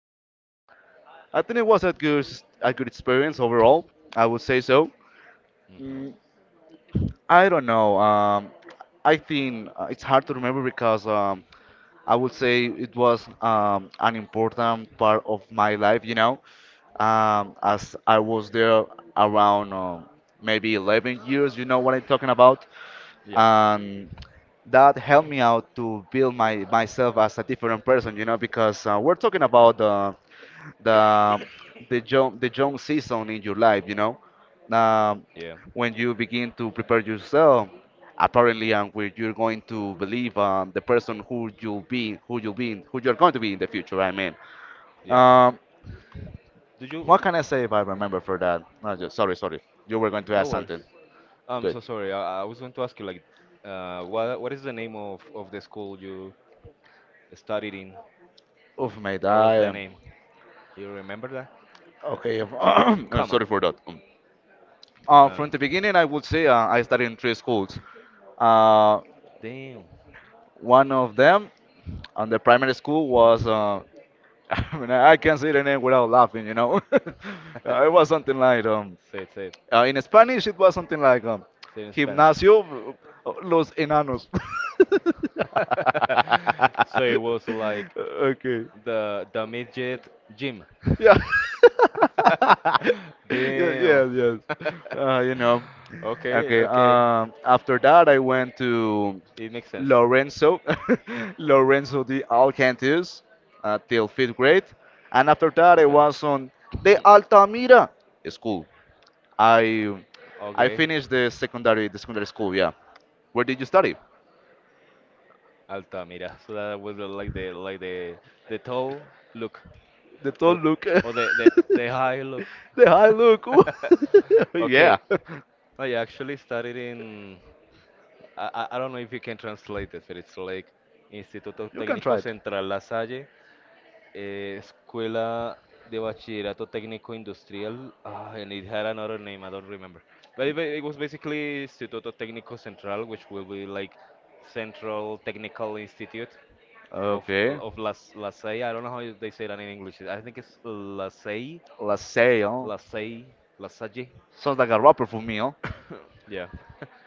so. I think it was a good experience overall. I would say so. Mm, hmm I don't know. I think it's hard to remember because I would say it was an important part of my life, as I was there around maybe 11 years, you know what I'm talking about. Yeah. And that helped me out to build my myself as a different person, because we're talking about the the young season in your life um, Yeah. when you begin to prepare yourself apparently, and where you're going to believe on the person who you'll be who you'll be who you're going to be in the future, I mean. Yeah. um, Did you? what can I say if I remember for that? No, sorry, you were going to No ask worries. something. I'm Good. so sorry. I was going to ask you like, what is the name of the school you studied in? Oof, mate, What I was the am name? You remember that? okay. Come on. sorry for that. Um, No, uh, no, from no. the beginning, I would say I studied in three schools. Uh, Damn. one of them, on the primary school, was I mean, I can't say the name without laughing, you know. It was something like, um, Say it. Say it. uh, in Spanish, it was something like, Say it in Spanish. Gimnasio Los Enanos. So it was like Okay. the midget gym. Yeah. Yeah. Yes. Damn. Yes. You know. Okay, Okay. okay. After that, I went to It makes sense. Lorenzo, Lorenzo de Alcantus, till fifth grade, and after that I Okay. was on the Altamira school. I I Okay. finished the secondary school. Yeah, where did you study? Altamira. So that was like the tall look The tall or look. or the the, the high look. The high look. Yeah, Okay. I actually studied in I don't know if you can translate this, but it's like Instituto you can Técnico try it. Central La Salle eh, Escuela de Bachillerato Técnico Industrial. Ah, and it had another name, I don't remember. But it, ba- it was basically Instituto Técnico Central, which will be like Central Technical Institute Okay, of Las Lasalle. I don't know how they say that in English. I think it's Lasalle, let's say oh, Lasalle, Lasalle. sounds like a rapper for me. Oh, Yeah,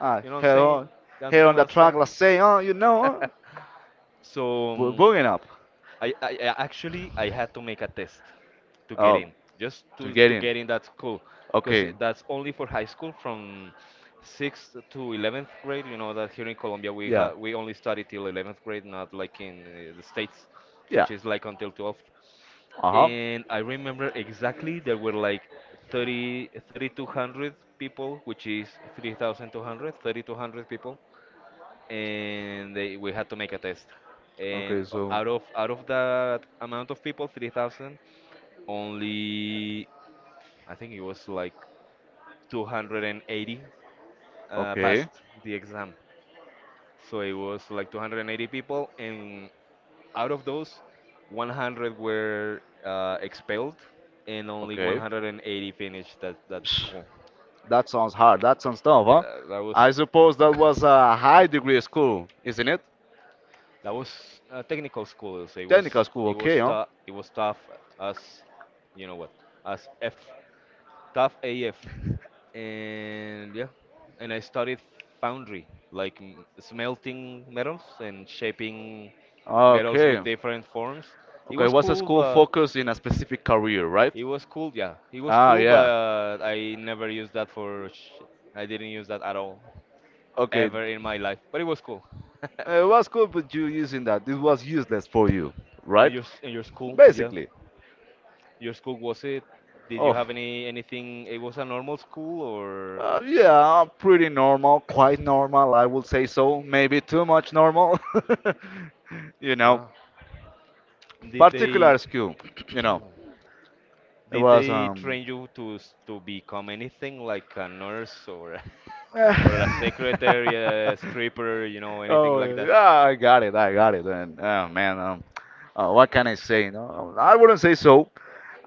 ah, you know what I'm here, saying? on- You here understand on what the I'm track, saying? let's say oh, you know, huh? So. We're booing up. Actually I had to make a test to get Oh, in, just to to get to in. get in that school, because Okay. that's only for high school from sixth to 11th grade. You know that here in Colombia Yeah. we only study till 11th grade, not like in the States, Yeah. which is like until 12th. Uh-huh. And I remember exactly there were like thirty thirty two hundred people, which is three thousand two hundred thirty two hundred people and they we had to make a test. And Okay, so out of that amount of people, 3,000, only I think it was like 280 okay. passed the exam. So it was like 280 people, and out of those, 100 were expelled, and only Okay. 180 finished that Psh, school. that sounds hard. That sounds tough, huh? That, that was I suppose that was a high degree school, isn't it? That was technical school. So it was Technical school, it okay, was huh? tough. It was tough as you know what as F tough AF and yeah, and I studied foundry like smelting metals and shaping metals Okay. with different forms. It Okay, was what's a cool, school but focused in a specific career, right? it was cool. Yeah, it was Ah, cool, yeah. but I never used that for. I didn't use that at all Okay. ever in my life, but it was cool. What's cool with you using that? This was useless for you, right? And your school, yeah. Basically. Your school was it? Did you Oh, have anything? It was a normal school, or yeah, pretty normal, quite normal, I would say so. Maybe too much normal. You know, uh, did they particular skill. You know, it did was they um. train you to to become anything like a nurse or or a secretary, a stripper, you know, anything like Oh, that? yeah, I got it, and oh man, what can I say? No, I wouldn't say so.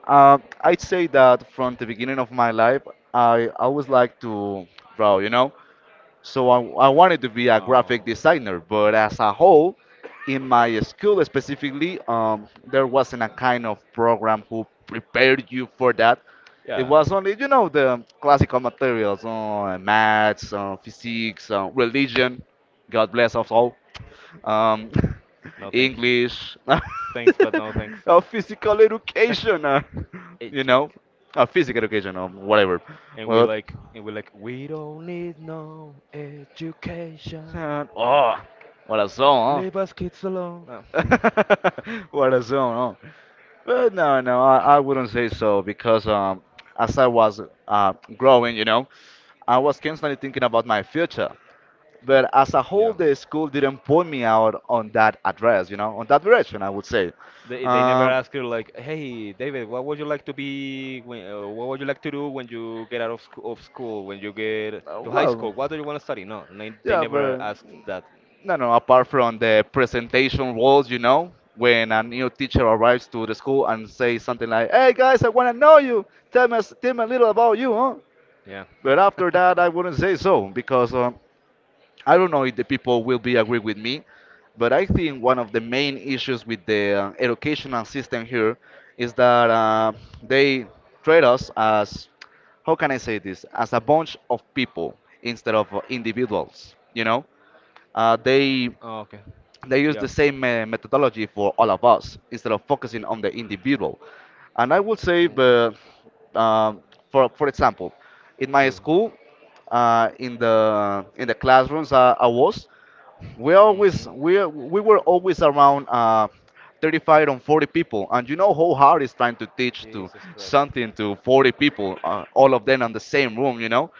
I'd say that from the beginning of my life, I always like to draw. So I wanted to be a graphic Oh, designer, but as a whole, in my school specifically, there wasn't a kind of program who prepared you for that. It yeah. was only, the classical materials, maths, physics, religion, God bless us all, um, No, thank you. English, Thanks, but no thanks. Physical education, you Edu- know, physical education or whatever. But, and we like we don't need no education. Oh, what a song, Leave huh? us kids alone. Ah, What is going on? But no, no, I wouldn't say so, because as I was uh, growing, I was constantly thinking about my future. But as a whole, yeah. the school didn't point me out on that address, on that direction, I would say. They never Uh, ask you like, hey, David, what would you like to be when, what would you like to do when you get out of, sc of school, when you get to high school? well, What do you want to study? No, they yeah, never but ask that. no, no, apart from the presentation walls, you know, when a new teacher arrives to the school and says something like, hey guys, I want to know you. Tell me a little about you, huh? Yeah. But after that, I wouldn't say so, because I don't know if the people will be agree with me. But I think one of the main issues with the educational system here is that they treat us as, how can I say this, as a bunch of people instead of individuals. Uh, they Oh, okay. they use the Yeah. same methodology for all of us, instead of focusing on the individual. And I would say, Mm, but, um, for example, in my true. school, in the classrooms we always hmm we we were always around 35 and 40 people, and you know how hard it's trying to teach to Jesus Christ. something to 40 people, all of them in the same room. You know,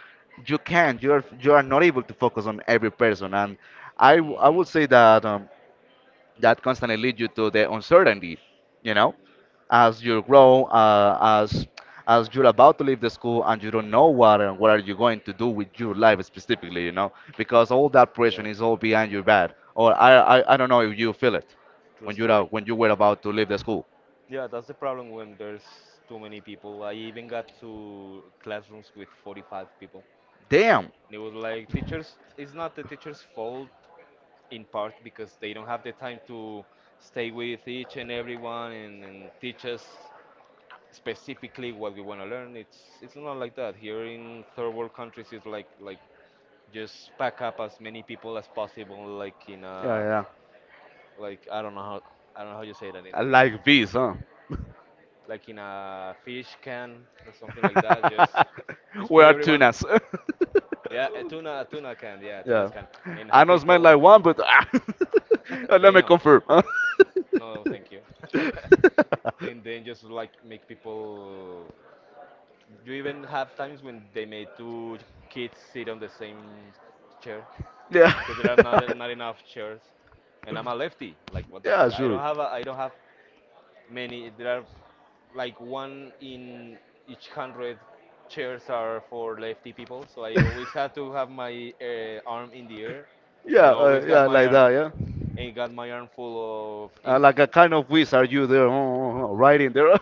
you can't you're you are not able to focus on every person, and I would hmm say that constantly lead you to the uncertainty, you know, as you grow, as you're about to leave the school, and you don't know what are you going to do with your life specifically, you know, because all that pressure Yeah. is all behind your back, or I don't know if you feel it, True when story. When you were about to leave the school. Yeah, that's the problem when there's too many people. I even got to classrooms with 45 people. Damn. And it was like, teachers, it's not the teacher's fault in part because they don't have the time to stay with each and everyone and teach us specifically what we want to learn. It's not like that. Here in third world countries, it's like just pack up as many people as possible, like in Yeah, a yeah, like I don't know how I don't know how you say that in I English like this, huh? like in a fish can or something like that. Just We put are everyone. tunas. Yeah, a tuna can. Yeah, Yeah. tunas can. And I have know smell people. like one, but let me Damn. confirm, huh? No, thank you. And then just like make people. You even have times when they made two kids sit on the same chair Yeah. because there are not enough chairs. And I'm a lefty. Like what the Yeah, fuck? Sure. I don't have many. There are like one in each hundred chairs are for lefty people, so I always had to have my arm in the air, and Yeah, always got yeah, my like arm that, yeah. and got my arm full of Uh, ink, like a kind of wizard you there, writing there.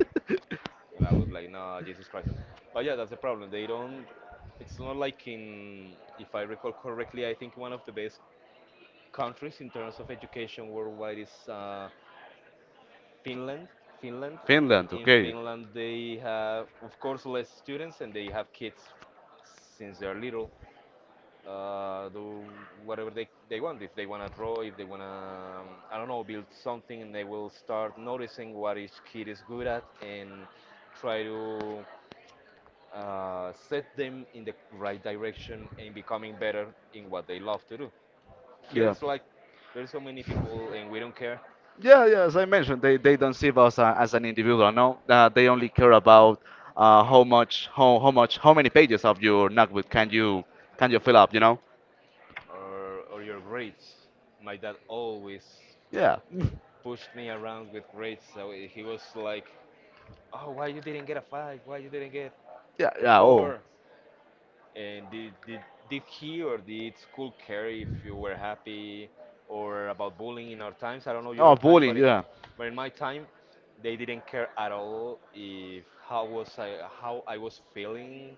and I was like, nah, Jesus Christ. But yeah, that's the problem. They don't. It's not like in, if I recall correctly, I think one of the best countries in terms of education worldwide is Finland, Finland, Finland, in okay. Finland they have of course less students and they have kids since they're little. Do whatever they want. If they wanna draw, if they wanna I don't know build something, and they will start noticing what each kid is good at and try to set them in the right direction and becoming better in what they love to do. Here Yeah. it's like there's so many people and we don't care Yeah, yeah. As I mentioned, they don't see us as an individual. No, they only care about how much how many pages of your notebook can you fill up. You know. Or your grades. My dad always Yeah. pushed me around with grades, so he was like, "Oh, why you didn't get a five? Why you didn't get Yeah. Yeah. Oh. four? And did he or did school care if you were happy or about bullying in our times? I don't know your Oh, time, bullying. but it, Yeah. but in my time, they didn't care at all if how was I how I was feeling,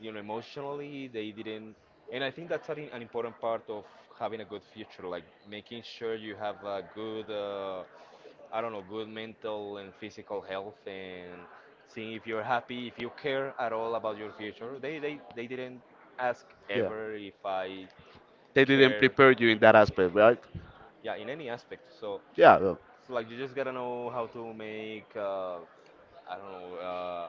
you know, emotionally they didn't. And I think that's an important part of having a good future, like making sure you have a good I don't know, good mental and physical health, and seeing if you're happy, if you care at all about your future. They didn't They didn't ask ask you. Yeah. ever if I They didn't cared, prepare you in that aspect, right? yeah, in any aspect. So Yeah. Well. it's like you just gotta know how to make I don't know,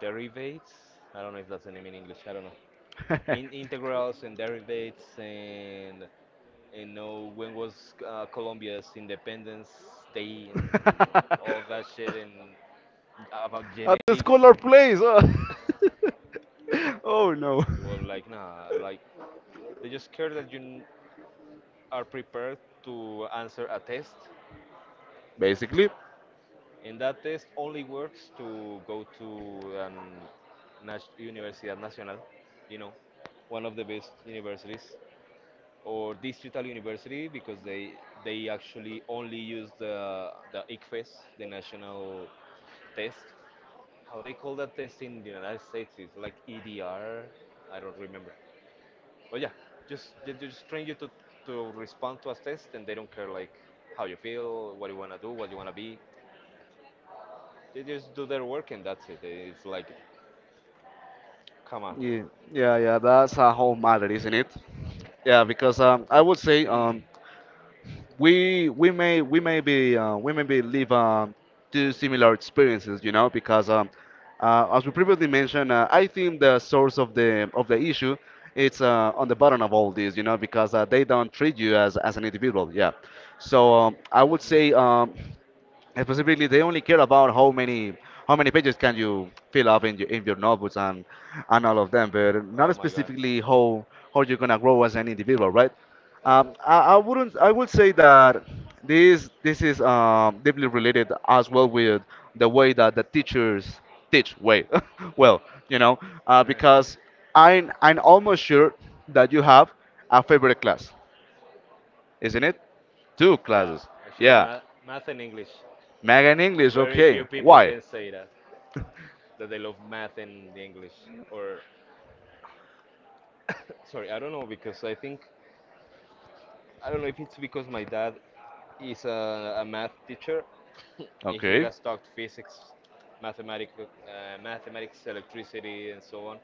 derivatives. I don't know if that's the name in English. I don't know, Being in integrals and derivatives and you know and when was Colombia's Independence Day and that's all that shit and about at the and genetics. school or place. Oh, oh, no. It was like nah, like they just care that are prepared to answer a test, Basically. and that test only works to go to an Universidad Nacional, you know, one of the best universities, or digital university, because they actually only use the ICFES, the national test. How they call that test in the United States is like EDR. I don't remember. But yeah, just they just train you to respond to a test, and they don't care like how you feel, what you wanna do, what you wanna be. They just do their work, and that's it. It's like, come on. Yeah, yeah, yeah. That's a whole matter, isn't it? Yeah, because I would say, Mm. We may be live, two similar experiences, you know, because as we previously mentioned. I think the source of the issue, it's on the bottom of all this, because they don't treat you as an individual. Yeah, so I would Mhm. say. And specifically, they only care about how many pages can you fill up in your notebooks, and all of them, but not Oh my god. specifically how you're gonna grow as an individual, right? That. I wouldn't I would say that this is deeply related as well with the way that the teachers teach. Wait. Well, you know, Mhm. because I'm almost sure that you have a favorite class, isn't it? Two Yeah, classes. actually, Yeah. math, math and English. Mega and English, Very okay. few people Why? can say that they love math and the English. Or sorry, I don't know because I think I don't know if it's because my dad is a math teacher. he Okay. has taught physics, mathematics, electricity, and so on.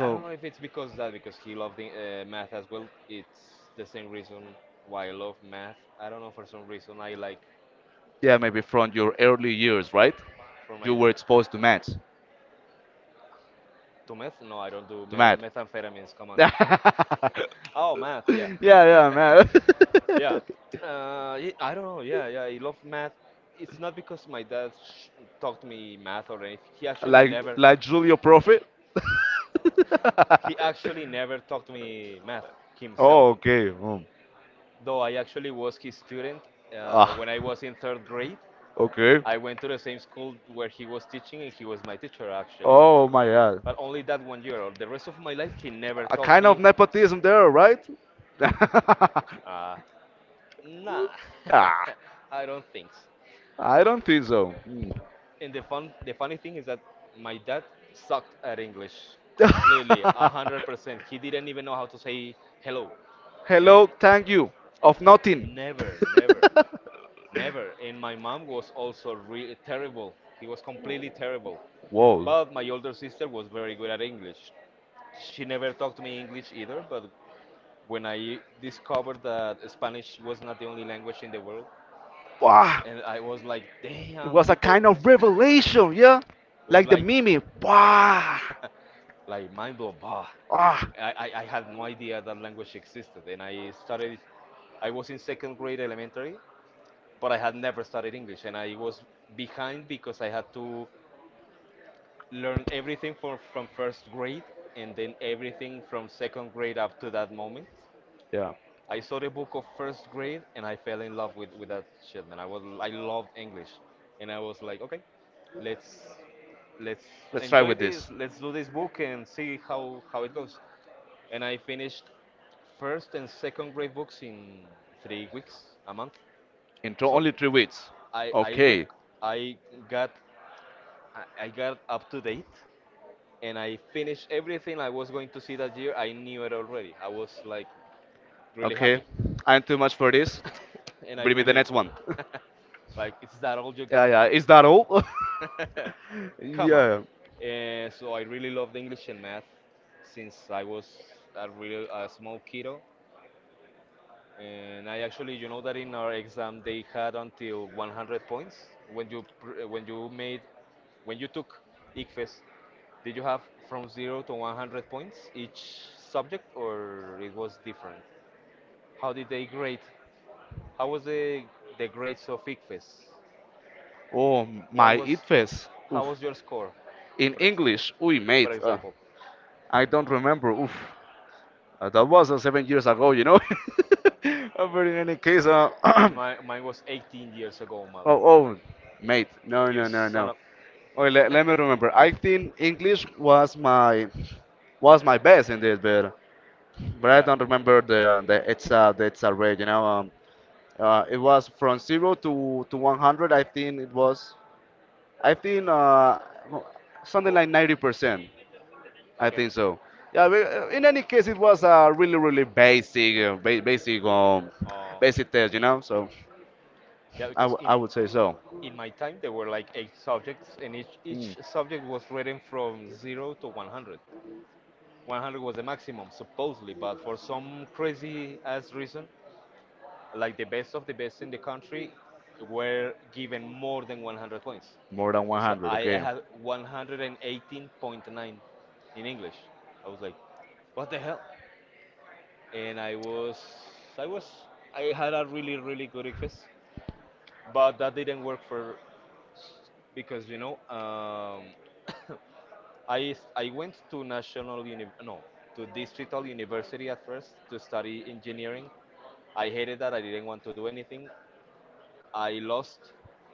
I don't know if it's because of that because he loved math as well. It's the same reason why I love math. I don't know, for some reason I like yeah, maybe from your early years, right? for You my were exposed to math. to meth. No, I don't do To math. methamphetamines. Come on. Yeah, Oh, math. Yeah. yeah, man. Yeah, I don't know. Yeah, yeah, I love math. It's not because my dad sh taught me math or anything. Like like Julio Prophet. He actually never taught me math himself. Oh, okay. Though I actually was his student. Ah, When I was in third grade, okay. I went to the same school where he was teaching, and he was my teacher actually. Oh my But God. only that one year. The rest of my life, he never A taught kind of me. nepotism there, right? Uh, nah, ah, I don't think so. I don't think so. Hmm. And the funny thing is that my dad sucked at English completely, 100%. He didn't even know how to say hello, and I, Hello, thank you. Of nothing. never, never, never. And my mom was also really terrible. He was completely terrible. Whoa. But my older sister was very good at English. She never talked to me English either. But when I discovered that Spanish was not the only language in the world, Wow. and I was like, It damn, was a people kind of revelation, yeah? was Like the like meme. Wow. Mind blown. Bah, Ah. I had no idea that language existed, and I started. I was in second grade elementary, but I had never studied English, and I was behind because I had to learn everything from first grade, and then everything from second grade up to that moment. Yeah. I saw the book of first grade, and I fell in love with that shit, man. I loved English, and I was like, okay, let's let's Let's try enjoy with this. this, let's do this book and see how it goes. And I finished first and second grade books in 3 weeks, a month. In tr- So only 3 weeks. I Okay. rec- I got I got up to date, and I finished everything I was going to see that year. I knew it already. I was like really Okay. happy, I'm too much for this. and I Bring me the really next one. like it's that all you Yeah, got. yeah. Is that all? Come on. Yeah. So I really loved English and math since I was a small kiddo. And I actually, that in our exam they had until 100 points. When you pr- eh, when you made when you took ICFES, did you have from zero to 100 points each subject, or it was different? How did they grade? How was the grades of ICFES? Oh, What my was it face. how Oof. was your score, In for ex- English, we for mate. Example? I don't remember. Oof, that was seven years ago. But in any case, And my mine was 18 years ago, mal. oh, oh, mate, no, You no, no, son no. of Oh, let me remember. I think English was my best in this, but I Yeah. don't remember the it's rate. It was from zero to 100, I think it was. I think something Oh, like 90%. I okay. think so. Yeah, we, in any case, it was a really, really basic, uh, ba- basic, um, Oh, basic test. So yeah, I, because w in I would say so. in my time there were like eight subjects and each Mm, each subject was rated from 0 to 100. 100 was the maximum supposedly, but for some crazy ass reason like the best of the best in the country were given more than 100 points. more than So 100, I okay. had 118.9 in English. I was like, what the hell. And i was I had a really really good ICFES, but that didn't work for because I went to national uni, no, to distrital university at first to study engineering. I hated that. I didn't want to do anything. I lost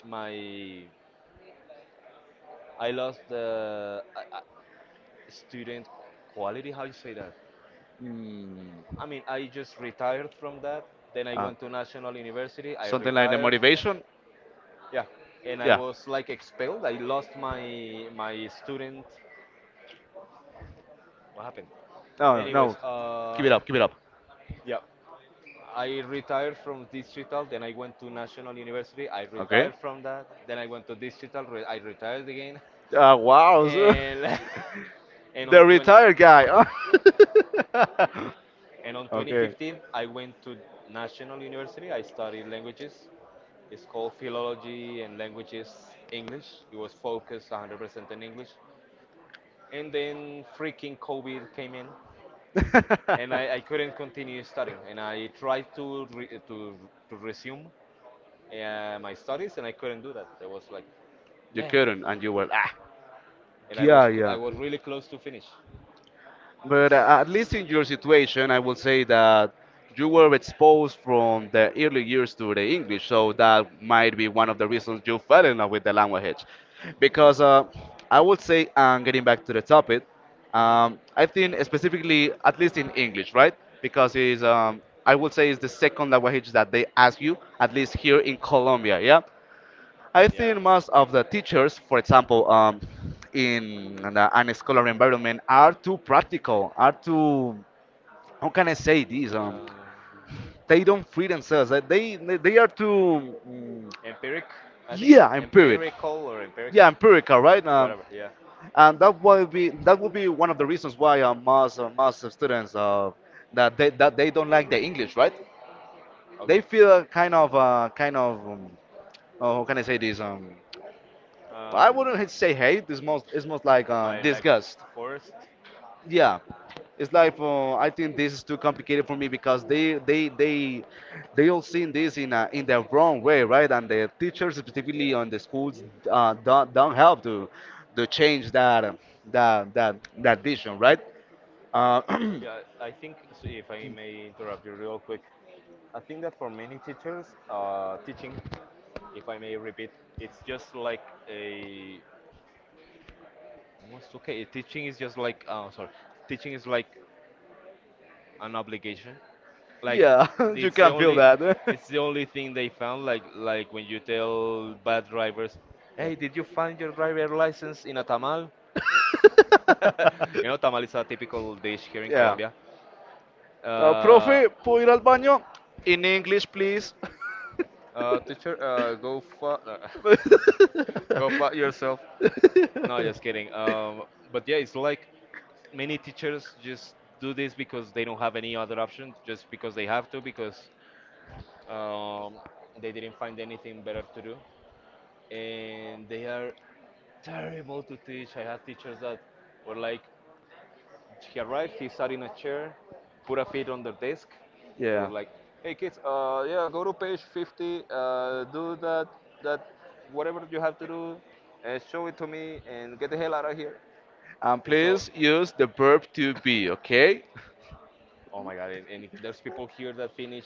my I lost the student quality. How you say that? I Mm, mean, I just retired from that. Then I uh, went to national university. I something like the retired. motivation. Yeah, and I Yeah. was like expelled. I lost my student. What happened? No, no. Anyways, No. Keep it up. Keep it up. yeah, I retired from digital. Then I went to national university. I Okay. retired from that. Then I went to digital. I retired again, Uh, wow. And and on The 20, retired guy. and on Okay. 2015 I went to national university. I studied languages. It's called philology and languages English. It was focused 100% in English. And then freaking COVID came in, and I couldn't continue studying, and I tried to resume my studies, and I couldn't do that. I was like, You damn, couldn't, and you were, ah. and I Yeah, was yeah. I was really close to finish. But at least in your situation, I will say that you were exposed from the early years to the English, so that might be one of the reasons you fell in love with the language. Because I would say, and getting back to the topic, Hmm. I think specifically, at least in English, right? Because it's, I would say, it's the second language that they ask you, at least here in Colombia, yeah. I Yeah, think most of the teachers, for example, in an scholar environment, are too practical, are too, how can I say this? Um, They don't free themselves. They are too, empiric, I think yeah, empiric, empirical or empiric, yeah, empirical, right? Whatever. Yeah, And that would be one of the reasons why most of students that they don't like the English, right? They okay. feel kind of oh, how can I say this? I Um, wouldn't say hate. It's most like my like disgust. first, Yeah, it's like I think this is too complicated for me because they all seen this in the wrong way, right? And the teachers, specifically yeah, on the schools, don't help to change that vision, right? Uh, yeah. I think so, if I may interrupt you real quick. I think that for many teachers, teaching, if I may repeat, it's just like a. Almost okay. Teaching is just like. Sorry. Teaching is like an obligation. Like yeah, you it's the can feel only. that. It's the only thing they found. Like when you tell bad drivers, "Hey, did you find your driver license in a tamal?" You know, tamal is a typical dish here in yeah. Colombia. Uh, Profe, ¿puedo ir al baño? In English, please. Teacher, go go fuck yourself. No, just kidding. But yeah, it's like many teachers just do this because they don't have any other option, just because they have to, because um, they didn't find anything better to do. And they are terrible to teach. I had teachers that were like, he arrived, he sat in a chair, put a feet on their desk. They were yeah. like, hey kids, yeah, go to page 50, do that, that, whatever you have to do, show it to me, and get the hell out of here. And It's so please use the verb to be, okay? Oh my God. And there's people here that finish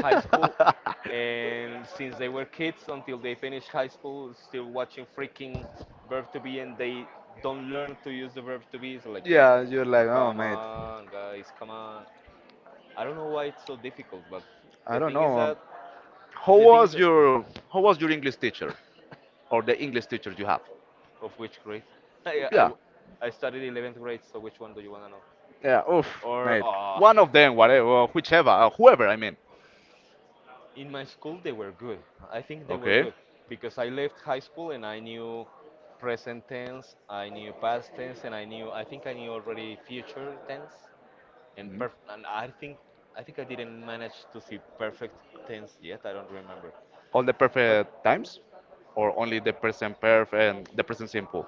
high school, and since they were kids until they finish high school, still watching freaking verb to be, and they don't learn to use the verb to be. So, like, yeah, you're like, oh come mate, on, guys, come on. I don't know why it's so difficult, but I the don't thing is know. That, How the thing is was that, your how was your English teacher or the English teacher you have? of which grade? I, Yeah, I, I studied 11th grade, so which one do you want to know? yeah. Oof, Or, mate. ah. One of them, whatever, whichever, whoever. I mean. In my school, they were good. I think they were Okay. good because I left high school and I knew present tense, I knew past tense, and I think I knew already future tense and Mhm. perf and I think I didn't manage to see perfect tense yet. I don't remember, All the but perfect times, or only the present perf and the present simple,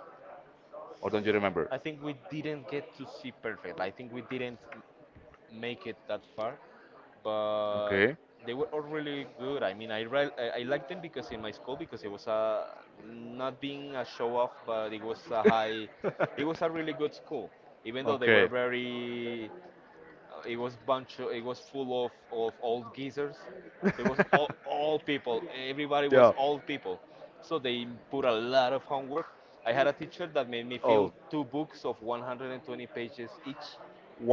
or don't you remember? I think we didn't get to see perfect. I think we didn't make it that far, but Okay. they were all really good. I mean, I re- I liked them because in my school, because it was a, not being a show off, but it was a really good school. Even though they were okay. very it was bunch. Of, it was full of old geezers. So it was all people. Everybody was Yeah. old people. So they put a lot of homework. I had a teacher that made me fill Oh, two books of 120 pages each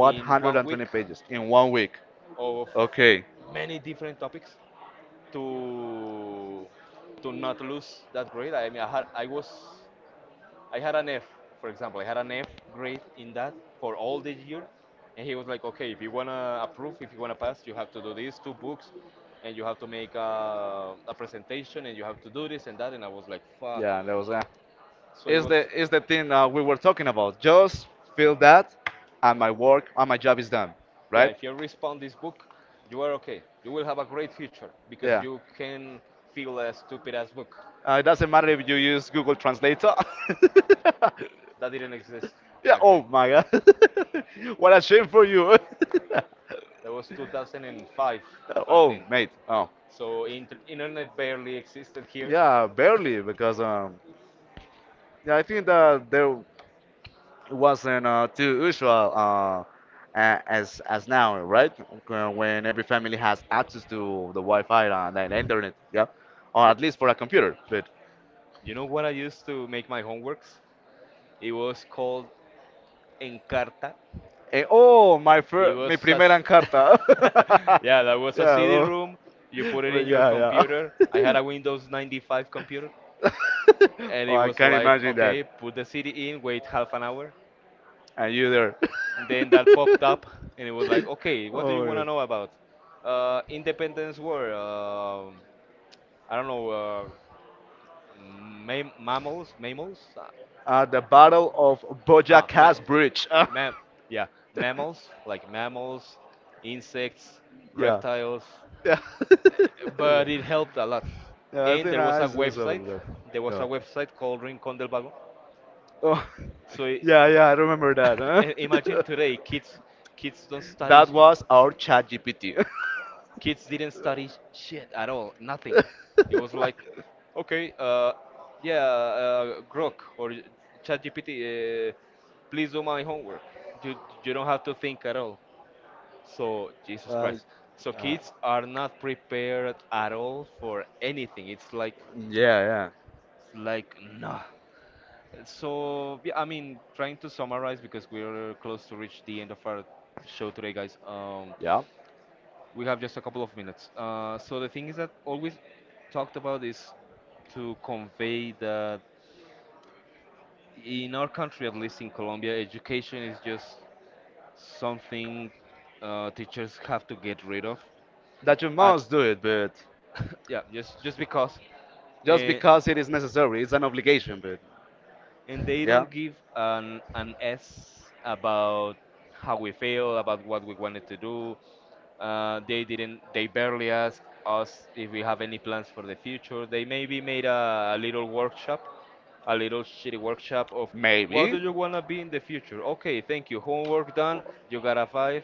in one week pages in 1 week. of Okay. many different topics to not lose that grade. I mean, I had an F, for example, I had an F grade in that for all the year, and he was like, okay, if you wanna approve, if you wanna pass, you have to do these two books, and you have to make a presentation, and you have to do this and that, and I was like, fuck. Yeah, that was So it is was, the is the thing we were talking about. Just feel that, and my work and my job is done, yeah, right? if you respond this book, you are okay. You will have a great future because Yeah. you can feel a stupid ass book It doesn't matter if you use Google Translator. that didn't exist yeah. back Oh then. my God. what a shame for you. That was 2005 back oh then. mate. Oh. So internet barely existed here. Yeah, barely because yeah, I think that there it wasn't too usual as now, right? When every family has access to the Wi-Fi and the internet, yeah, or at least for a computer. But You know what I used to make my homeworks? It was called Encarta. Oh, It was mi a primera s- encarta. yeah, that was a yeah, CD oh, room. You put it well, in your yeah, computer. I yeah. had a Windows 95 computer, and oh, it I was can't like, imagine that. okay, put the CD in, wait half an hour. And you there. Then that popped up, and it was like, okay, what do you oh, want to yes. know about? Independence War. I don't know. Mammals, mammals. The Battle of ah, ma- Bojaca's Bridge. Mam, yeah, mammals like mammals, insects, Yeah. reptiles, Yeah. yeah. but it helped a lot. Yeah, I And think there was I a saw website, something like that. there was a Yeah. website called Rincón del Vago. Oh, So i- yeah, yeah, I remember that. Imagine Huh? today, kids, kids don't study, That sh- was our chat GPT. kids didn't study shit at all, nothing. It uh, was like, okay, yeah, Grok or ChatGPT, please do my homework. You you don't have to think at all. So, Jesus uh, Christ. So yeah, kids are not prepared at all for anything. It's like, yeah, nah. So, yeah, I mean, trying to summarize because we're close to reach the end of our show today, guys. Yeah. We have just a couple of minutes. So the thing is that always talked about is to convey that in our country, at least in Colombia, education is just something, teachers have to get rid of That you at, must do it, but yeah, just because, just and because it is necessary, it's an obligation, but they yeah. don't give an s about how we feel, about what we wanted to do. They didn't. They barely asked us if we have any plans for the future. They maybe made a little workshop, a little shitty workshop of, what do Maybe. you wanna be in the future? Okay, thank you. Homework done. You got a five.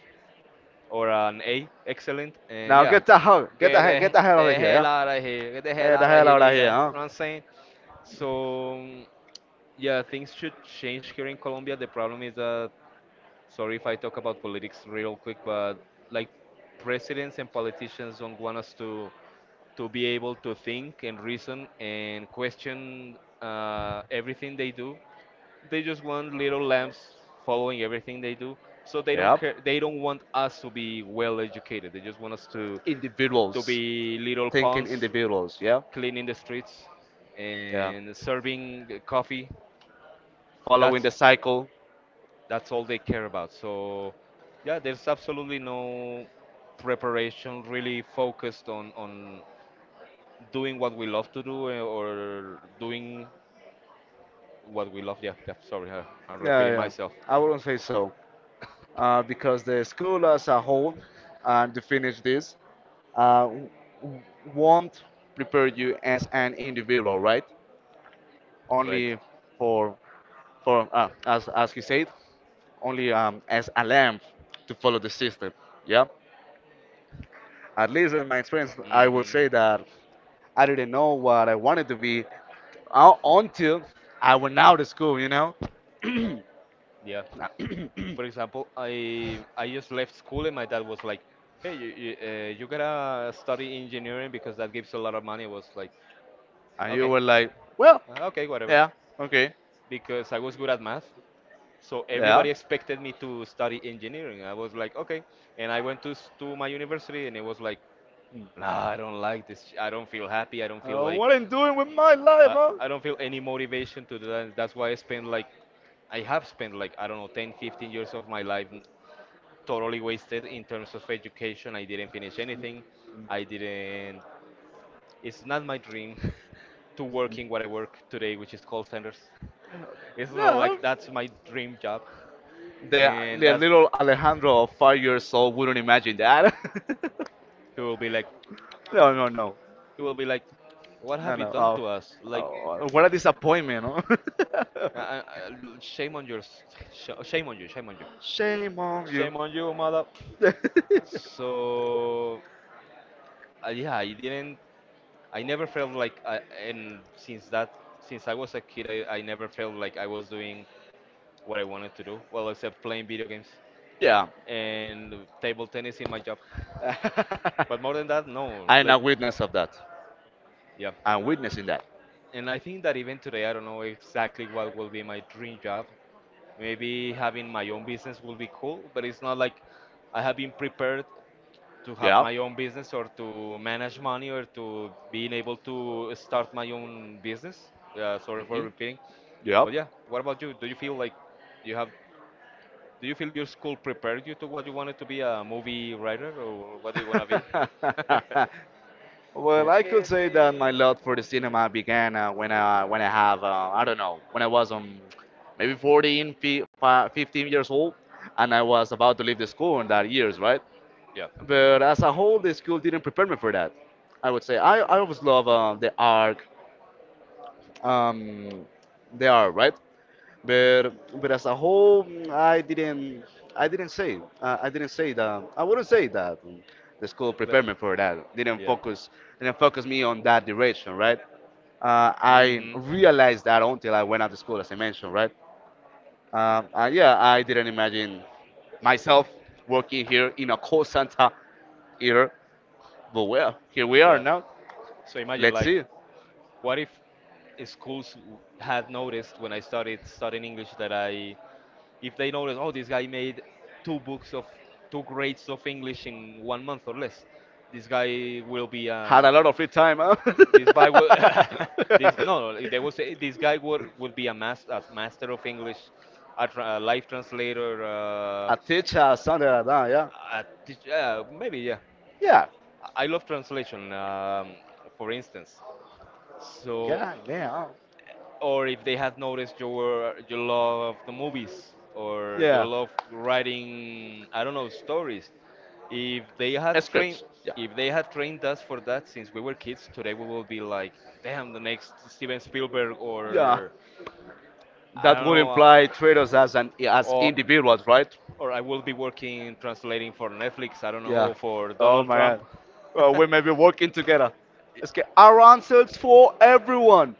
Or an A, excellent. And Now yeah, get the hell, get the get hell, get the hell out of the here, yeah. hell out of here. Get the hell Get the out of hell here, out nigga. of You here, know huh? what I'm saying? So yeah, things should change here in Colombia. The problem is that, sorry if I talk about politics real quick, but like, presidents and politicians don't want us to be able to think and reason and question everything they do. They just want little lambs following everything they do, so they don't Yep. care, they don't want us to be well educated, they just want us to Individuals. be little Thinking pawns individuals. Yeah. cleaning the streets Yeah. and serving the coffee. Following that's the cycle. that's all they care about. So yeah, there's absolutely no preparation really focused on doing what we love to do, or doing what we love. Yeah, yeah, sorry, I'm Yeah, repeating yeah. myself. I wouldn't say so. Because the school as a whole, and to finish this, uh, w- w- won't prepare you as an individual, right? Right. Only for, for as you said, only as a lamb to follow the system. Yeah. At least in my experience, I would Hmm. say that I didn't know what I wanted to be until I went out of school. And Yeah. For example, I just left school and my dad was like, "Hey, you gotta study engineering because that gives a lot of money." I was like, you "Okay, were like, well, okay, whatever," yeah, okay, because I was good at math, so yeah. everybody expected me to study engineering. I was like, "Okay," and I went to my university and it was like, "Nah, I don't like this. I don't feel happy. I don't feel What I'm doing with my life, huh? I don't feel any motivation to do that." That's why I have spent like, I don't know, 10 15 years of my life totally wasted in terms of education. I didn't finish anything. I didn't. It's not my dream to work in what I work today, which is call centers. It's not Yeah. like that's my dream job, The, and the that's little Alejandro of 5 years old wouldn't imagine that. he will be like no, no, no. he will be like, what No, have you no. done Oh, to us? Like, oh, what a disappointment, huh? uh, uh, uh, shame on you, shame on you, Shame on you. shame on you, mother. So, yeah, I didn't. I never felt like and since I was a kid, I never felt like I was doing what I wanted to do, well, except playing video games yeah. and table tennis in my job. But more than that, no, I'm like, a witness of that. yeah. I'm witnessing that. And I think that even today I don't know exactly what will be my dream job. Maybe having my own business will be cool, but it's not like I have been prepared to have Yep. my own business or to manage money or to being able to start my own business. Sorry for Hmm. repeating. Yep. But yeah, what about you? Do you feel like you have? Do you feel your school prepared you to what you wanted to be, a movie writer, or what do you wanna be? Well, Well, I could say that my love for the cinema began when I have I don't know, when I was maybe 15 years old, and I was about to leave the school in that years, right? yeah, But as a whole, the school didn't prepare me for that. I would say I always love um, the art, right? But as a whole, I didn't say that I wouldn't say that the school but prepared me for that. Didn't yeah, focus didn't focus me on that direction, right? I hmm, realized that until I went out to school, as I mentioned, right? Yeah, I didn't imagine myself working here in a call center here, but well, here we are yeah. now. So imagine Let's like, see. what if had noticed when I started studying English that if they noticed, oh, this guy made two books of two grades of English in one month or less, this guy will be Had an a lot of free time, huh? This guy will, this no, no, like, they will say this guy would be a master of English, a life translator, a teacher or something like that. Yeah. Maybe, yeah. Yeah. I love translation, for instance. So, Yeah. Yeah. or if they had noticed your love of the movies or your love writing, I don't know, stories. If they Yeah. had trained, Scripts. Yeah. if they had trained us for that since we were kids, today we will be like, damn, the next Steven Spielberg, Yeah. or I That don't would know, imply traders as or individuals, right? or I will be working translating for Netflix. I don't know, Yeah. or for Oh Donald my God. Trump. Well, we may be working together. Let's get our answers for everyone.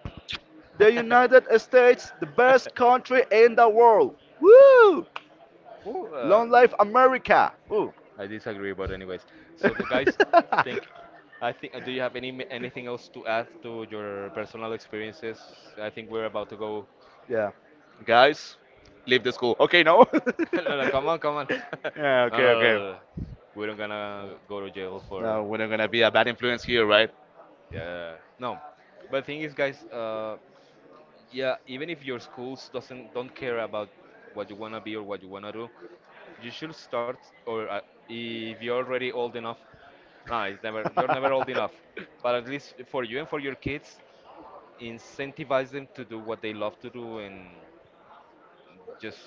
The United States, the best country in the world. Woo! Ooh, Long life America. Ooh. I disagree, but anyways. So the guys think I think, do you have anything else to add to your personal experiences? I think we're about to go. Yeah. Guys, leave the school. Okay, no? No, no, come on, come on. yeah, No, no, okay, no, okay. no, no. We don't gonna go to jail for. No, we're not gonna be a bad influence here, right? Yeah, no. But thing is, guys. Yeah, even if your schools doesn't don't care about what you wanna be or what you wanna do, you should start. Or, if you're already old enough. Nah, it's never. You're never old enough. But at least for you and for your kids, incentivize them to do what they love to do, and just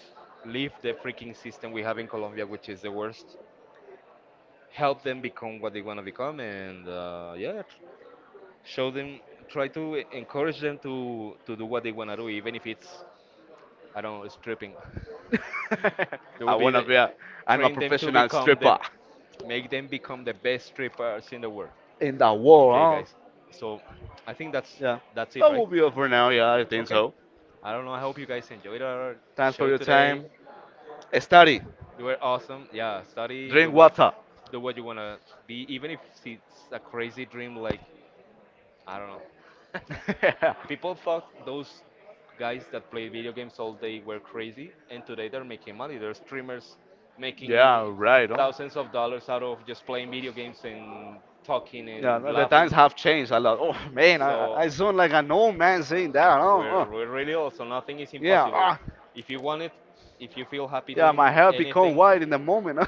leave the freaking system we have in Colombia, which is the worst. Help them become what they want to become, and yeah, show them, try to encourage them to do what they want to do, even if it's, I don't know, stripping. They I will be wanna the be a, I'm a train them to professional become the stripper make them become the best strippers in the world. in the war, Okay, huh? guys. So I think that's Yeah. that's it, That right? will be all for now, yeah, I think Okay. so. I don't know. I hope you guys enjoyed our Thanks for show your today. time. Study, You were awesome. Yeah, study, do drink what water. do what you wanna be, even if it's a crazy dream. Like, I don't know, people thought those guys that played video games all day were crazy, and today they're making money. They're streamers yeah, making right, huh? thousands of dollars out of just playing video games and talking Yeah, and no, the times laughing. have changed a lot. Oh man, I, I So I sound like an old man saying that. Oh, oh. we're really, also, nothing is yeah. impossible. ah. If you want it, if you feel happy Yeah, my doing hair become anything, white in the moment.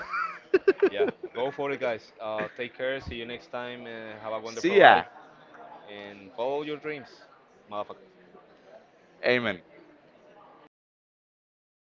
yeah, go for it, guys. Take care. See you next time. Have a See wonderful ya. life and follow your dreams, motherfucker. Amen.